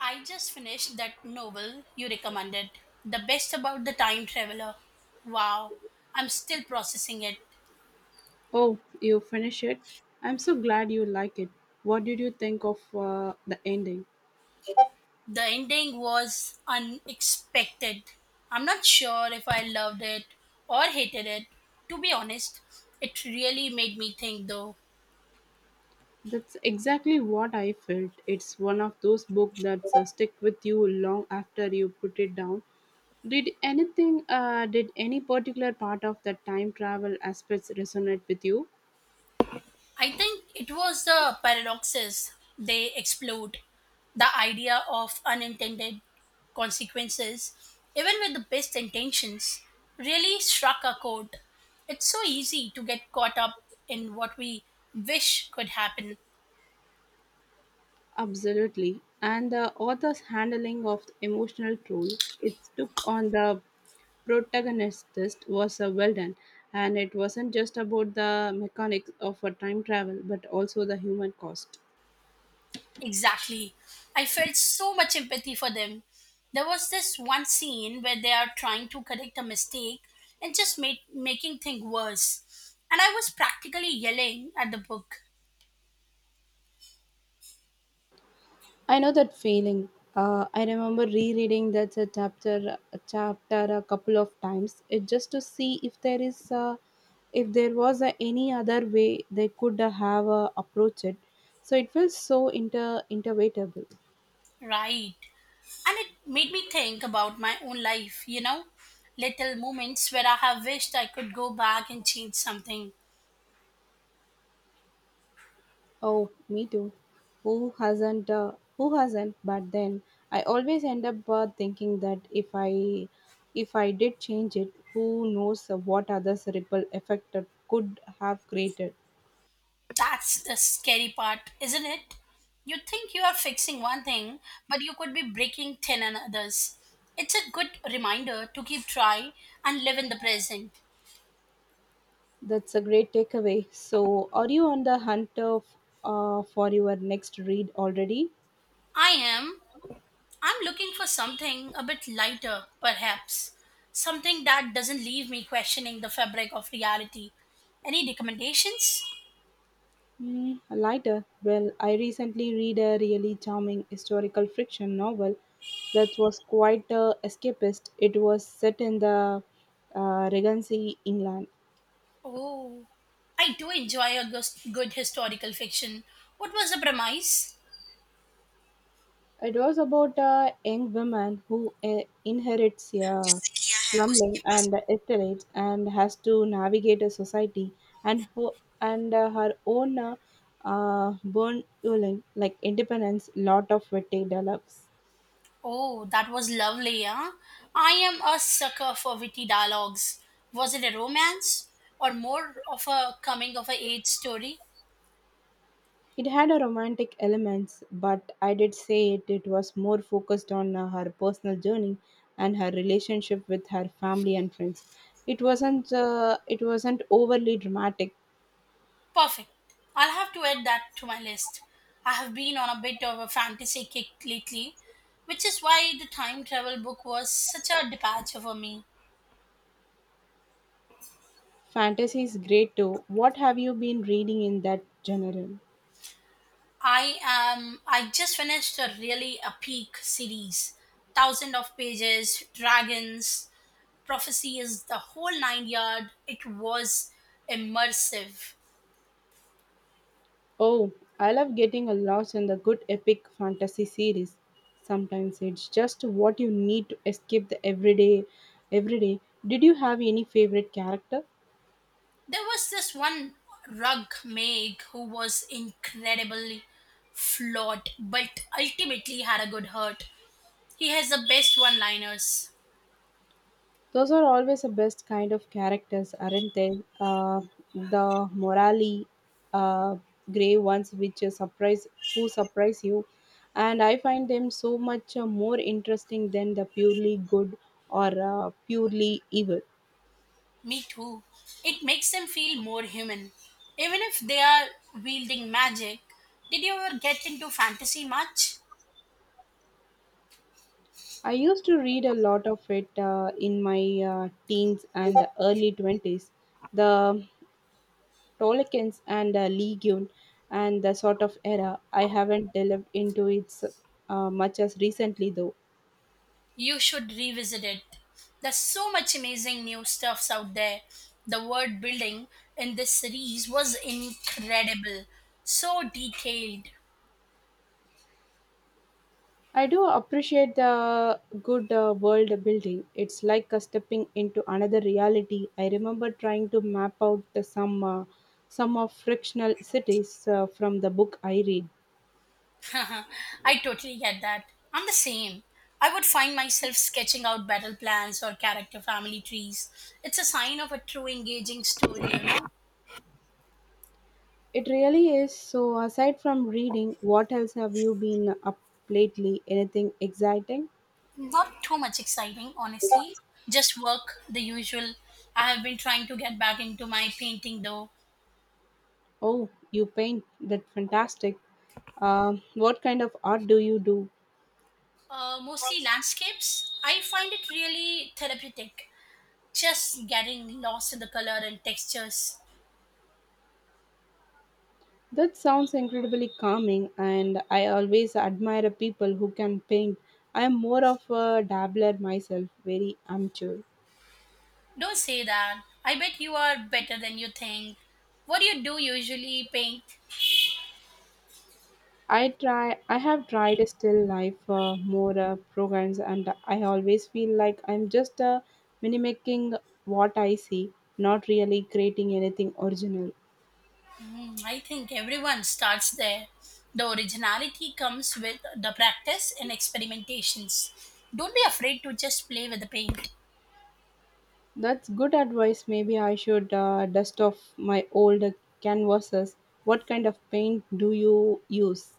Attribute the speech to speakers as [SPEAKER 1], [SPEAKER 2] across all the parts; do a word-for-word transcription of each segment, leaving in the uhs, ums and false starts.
[SPEAKER 1] I just finished that novel you recommended, The Best About the Time Traveler. Wow, I'm still processing it.
[SPEAKER 2] Oh, you finished it? I'm so glad you like it. What did you think of uh, the ending?
[SPEAKER 1] The ending was unexpected. I'm not sure if I loved it or hated it. To be honest, it really made me think though.
[SPEAKER 2] That's exactly what I felt. It's one of those books that uh, stick with you long after you put it down. Did anything, uh, did any particular part of the time travel aspects resonate with you?
[SPEAKER 1] I think it was the paradoxes they explored, the idea of unintended consequences, even with the best intentions, really struck a chord. It's so easy to get caught up in what we wish could happen.
[SPEAKER 2] Absolutely. And the author's handling of the emotional toll it took on the protagonist was uh, well done. And it wasn't just about the mechanics of a time travel, but also the human cost.
[SPEAKER 1] Exactly. I felt so much empathy for them. There was this one scene where they are trying to correct a mistake and just made, making things worse. And I was practically yelling at the book.
[SPEAKER 2] I know that feeling. Uh, I remember rereading that uh, chapter uh, chapter a couple of times, it just to see if there is uh, if there was uh, any other way they could uh, have uh, approached it. So it feels so inter interpretable.
[SPEAKER 1] Right. And it made me think about my own life, you know, little moments where I have wished I could go back and change something.
[SPEAKER 2] Oh, me too. Who hasn't? Uh, who hasn't? But then I always end up uh, thinking that if I, if I did change it, who knows what others ripple effect it could have created.
[SPEAKER 1] That's the scary part, isn't it? You think you are fixing one thing, but you could be breaking ten and others. It's a good reminder to keep trying and live in the present.
[SPEAKER 2] That's a great takeaway. So, are you on the hunt of, uh, for your next read already?
[SPEAKER 1] I am. I'm looking for something a bit lighter, perhaps. Something that doesn't leave me questioning the fabric of reality. Any recommendations?
[SPEAKER 2] Mm, lighter. Well, I recently read a really charming historical fiction novel that was quite uh, escapist. It was set in the uh, Regency, England.
[SPEAKER 1] Oh, I do enjoy a gos- good historical fiction. What was the premise?
[SPEAKER 2] It was about a young woman who uh, inherits a grumbling and estate and has to navigate a society and who and uh, her own uh, uh, burn like independence. Lot of witty dialogues.
[SPEAKER 1] Oh, that was lovely, huh? I am a sucker for witty dialogues. Was it a romance or more of a coming of age story?
[SPEAKER 2] It had a romantic elements, but I did say it, it was more focused on uh, her personal journey and her relationship with her family and friends. It wasn't uh, it wasn't overly dramatic.
[SPEAKER 1] Perfect. I'll have to add that to my list. I have been on a bit of a fantasy kick lately, which is why the time travel book was such a departure for me.
[SPEAKER 2] Fantasy is great too. What have you been reading in that genre?
[SPEAKER 1] I am. I just finished a really a peak series, thousand of pages, dragons, prophecies, the whole nine yard. It was immersive.
[SPEAKER 2] Oh, I love getting a lost in the good epic fantasy series. Sometimes it's just what you need to escape the everyday everyday. Did you have any favorite character?
[SPEAKER 1] There was this one rug maid who was incredibly flawed, but ultimately had a good heart. He has the best one-liners.
[SPEAKER 2] Those are always the best kind of characters, aren't they? Uh, the morally uh, grey ones, which uh, surprise who surprise you, and I find them so much uh, more interesting than the purely good or uh, purely evil.
[SPEAKER 1] Me too. It makes them feel more human, even if they are wielding magic. Did you ever get into fantasy much?
[SPEAKER 2] I used to read a lot of it uh, in my uh, teens and early twenties. The Tolkien's and uh, Legion and the sort of era. I haven't delved into it uh, much as recently though.
[SPEAKER 1] You should revisit it. There's so much amazing new stuffs out there. The world building in this series was incredible, so detailed.
[SPEAKER 2] I do appreciate the good uh, world building. It's like uh, stepping into another reality. I remember trying to map out the some uh, some of frictional cities uh, from the book I read.
[SPEAKER 1] I totally get that. I'm the same. I would find myself sketching out battle plans or character family trees. It's a sign of a true engaging story, you know.
[SPEAKER 2] It really is. So aside from reading, what else have you been up lately? Anything exciting?
[SPEAKER 1] Not too much exciting, honestly. Just work, the usual. I have been trying to get back into my painting though.
[SPEAKER 2] Oh, you paint. That's fantastic. Uh, what kind of art do you do?
[SPEAKER 1] Uh, mostly landscapes. I find it really therapeutic, just getting lost in the color and textures.
[SPEAKER 2] That sounds incredibly calming, and I always admire people who can paint. I am more of a dabbler myself, very amateur.
[SPEAKER 1] Don't say that. I bet you are better than you think. What do you do usually paint?
[SPEAKER 2] I try. I have tried a still life uh, more uh, programs, and I always feel like I'm just uh, mimicking what I see, not really creating anything original.
[SPEAKER 1] Hmm, I think everyone starts there. The originality comes with the practice and experimentations. Don't be afraid to just play with the paint.
[SPEAKER 2] That's good advice. Maybe I should uh, dust off my old canvases. What kind of paint do you use?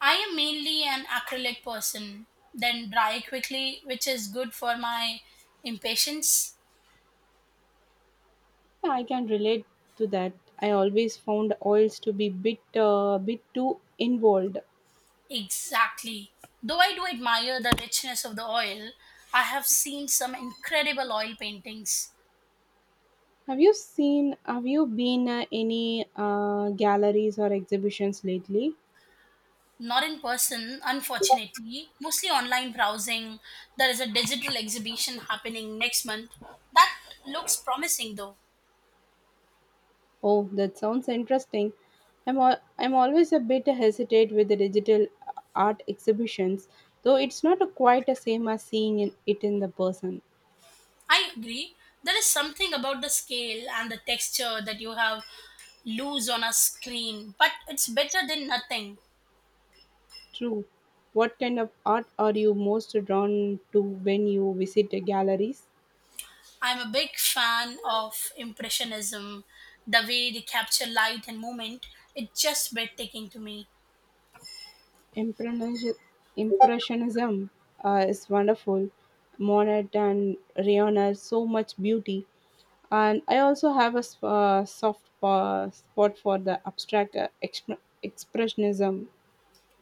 [SPEAKER 1] I am mainly an acrylic person, then dry quickly, which is good for my impatience.
[SPEAKER 2] Yeah, I can relate to that. I always found oils to be bit uh, bit too involved.
[SPEAKER 1] Exactly. Though I do admire the richness of the oil, I have seen some incredible oil paintings.
[SPEAKER 2] Have you seen? Have you been uh, any uh, galleries or exhibitions lately?
[SPEAKER 1] Not in person, unfortunately, mostly online browsing. There is a digital exhibition happening next month. That looks promising though.
[SPEAKER 2] Oh, that sounds interesting. I'm al- I'm always a bit hesitate with the digital uh, art exhibitions, though it's not a quite the same as seeing in, it in the person.
[SPEAKER 1] I agree. There is something about the scale and the texture that you have lose on a screen, but it's better than nothing.
[SPEAKER 2] True. What kind of art are you most drawn to when you visit the galleries?
[SPEAKER 1] I'm a big fan of Impressionism. The way they capture light and movement, it's just breathtaking to me.
[SPEAKER 2] Imprenis- Impressionism uh, is wonderful. Monet and Rayonner, so much beauty. And I also have a s- uh, soft pa- spot for the abstract uh, exp- expressionism.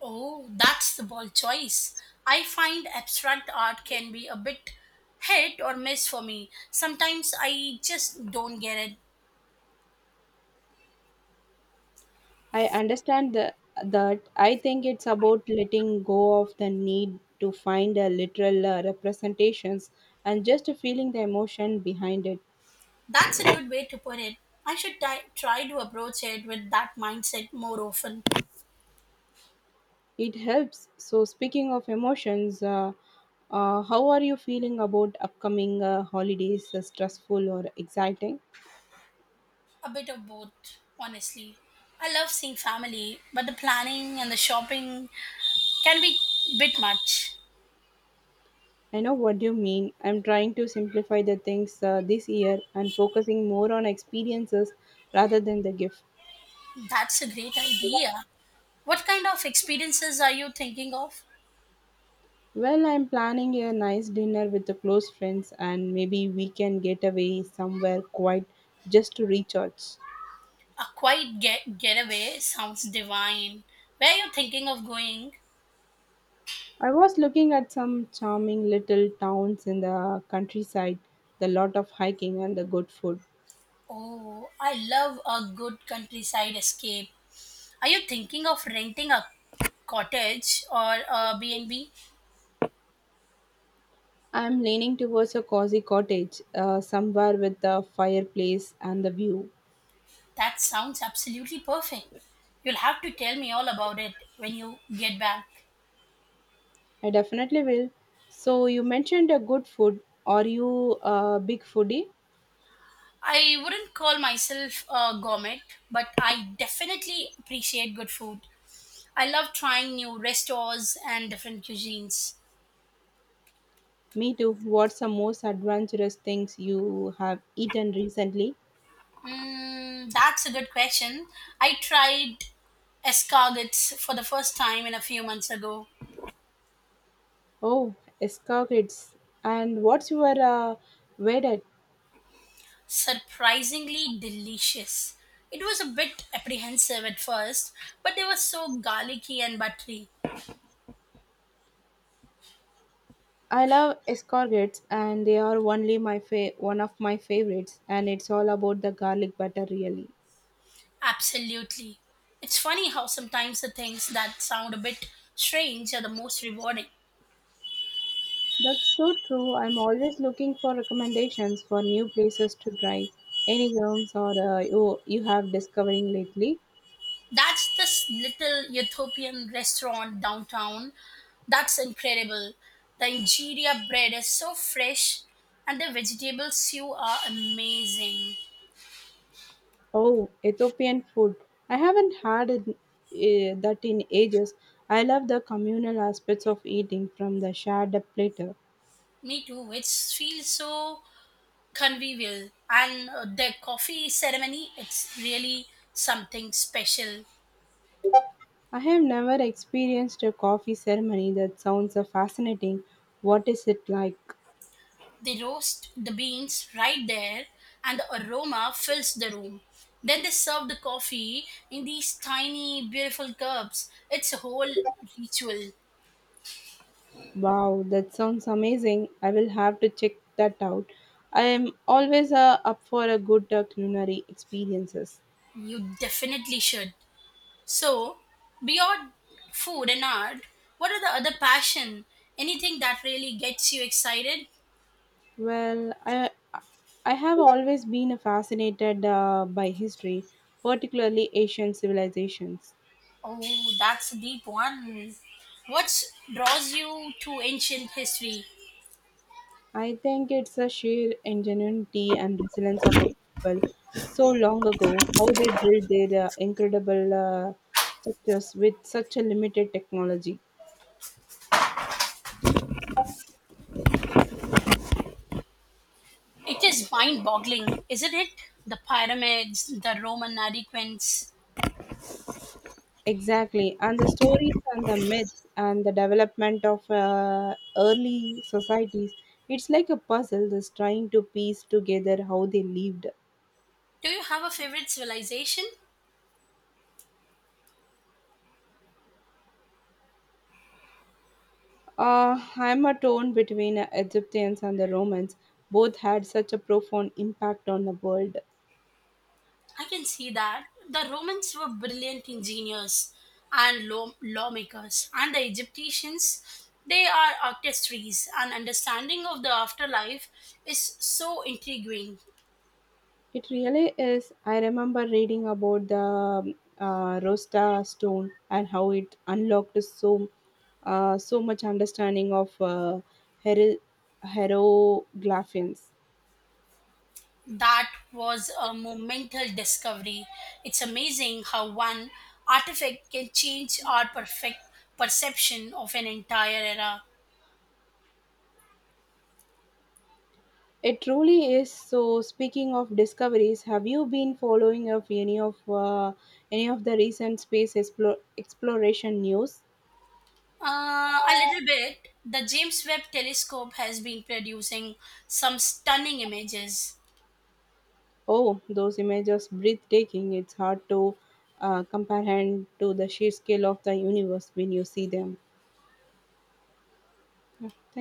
[SPEAKER 1] Oh, that's the bold choice. I find abstract art can be a bit hit or miss for me. Sometimes I just don't get it.
[SPEAKER 2] I understand the, that I think it's about letting go of the need to find a literal uh, representations and just feeling the emotion behind it.
[SPEAKER 1] That's a good way to put it. I should ti- try to approach it with that mindset more often.
[SPEAKER 2] It helps. So, speaking of emotions, uh, uh, how are you feeling about upcoming uh, holidays? Uh, stressful or exciting?
[SPEAKER 1] A bit of both, honestly. I love seeing family, but the planning and the shopping can be bit much.
[SPEAKER 2] I know what you mean. I'm trying to simplify the things uh, this year and focusing more on experiences rather than the gift.
[SPEAKER 1] That's a great idea. What kind of experiences are you thinking of?
[SPEAKER 2] Well, I'm planning a nice dinner with the close friends, and maybe we can get away somewhere quiet just to recharge.
[SPEAKER 1] A quiet get- getaway sounds divine. Where are you thinking of going?
[SPEAKER 2] I was looking at some charming little towns in the countryside, the lot of hiking and the good food.
[SPEAKER 1] Oh, I love a good countryside escape. Are you thinking of renting a cottage or a B and b?
[SPEAKER 2] I am leaning towards a cozy cottage, uh, somewhere with a fireplace and the view.
[SPEAKER 1] That sounds absolutely perfect. You'll have to tell me all about it when you get back.
[SPEAKER 2] I definitely will. So you mentioned a good food. Are you a big foodie?
[SPEAKER 1] I wouldn't call myself a gourmet, but I definitely appreciate good food. I love trying new restaurants and different cuisines.
[SPEAKER 2] Me too. What's the most adventurous things you have eaten recently?
[SPEAKER 1] Mm, that's a good question. I tried escargots for the first time in a few months ago.
[SPEAKER 2] Oh, escargots. And what's your uh, wedded?
[SPEAKER 1] Surprisingly delicious. It was a bit apprehensive at first, but they were so garlicky and buttery.
[SPEAKER 2] I love escargots, and they are only my fa- one of my favorites. And it's all about the garlic butter, really.
[SPEAKER 1] Absolutely. It's funny how sometimes the things that sound a bit strange are the most rewarding.
[SPEAKER 2] That's so true. I'm always looking for recommendations for new places to try. Any rooms or uh, you you have discovering lately?
[SPEAKER 1] That's this little Ethiopian restaurant downtown. That's incredible. The injera bread is so fresh and the vegetable stew are amazing.
[SPEAKER 2] Oh, Ethiopian food. I haven't had it, uh, that in ages. I love the communal aspects of eating from the shared platter.
[SPEAKER 1] Me too, which feels so convivial. And uh, the coffee ceremony, it's really something special.
[SPEAKER 2] I have never experienced a coffee ceremony that sounds uh, fascinating. What is it like?
[SPEAKER 1] They roast the beans right there and the aroma fills the room. Then they serve the coffee in these tiny, beautiful cups. It's a whole ritual.
[SPEAKER 2] Wow, that sounds amazing. I will have to check that out. I am always uh, up for a good uh, culinary experiences.
[SPEAKER 1] You definitely should. So, beyond food and art, what are the other passion? Anything that really gets you excited?
[SPEAKER 2] Well, I I have always been fascinated uh, by history, particularly Asian civilizations.
[SPEAKER 1] Oh, that's a deep one. What draws you to ancient history?
[SPEAKER 2] I think it's a sheer ingenuity and resilience of a people so long ago, how they built their uh, incredible uh, structures with such a limited technology.
[SPEAKER 1] It is mind-boggling, isn't it? The pyramids, the Roman adequants.
[SPEAKER 2] Exactly, and the stories and the myths and the development of uh, early societies. It's like a puzzle that's trying to piece together how they lived.
[SPEAKER 1] Do you have a favorite civilization?
[SPEAKER 2] Uh, I'm a torn between uh, Egyptians and the Romans. Both had such a profound impact on the world.
[SPEAKER 1] I can see that the Romans were brilliant engineers and law- lawmakers, and the Egyptians, they are artistries, and understanding of the afterlife is so intriguing.
[SPEAKER 2] It really is. I remember reading about the um, uh, Rosta stone and how it unlocked so uh, so much understanding of uh, hero- hieroglyphs.
[SPEAKER 1] That was a monumental discovery. It's amazing how one artifact can change our perfect perception of an entire era.
[SPEAKER 2] It truly is. So, speaking of discoveries, have you been following up any of uh, any of the recent space explo- exploration news?
[SPEAKER 1] Uh, a little bit. The James Webb Telescope has been producing some stunning images.
[SPEAKER 2] Oh, those images breathtaking. It's hard to uh, comprehend to the sheer scale of the universe when you see them. Yeah, thank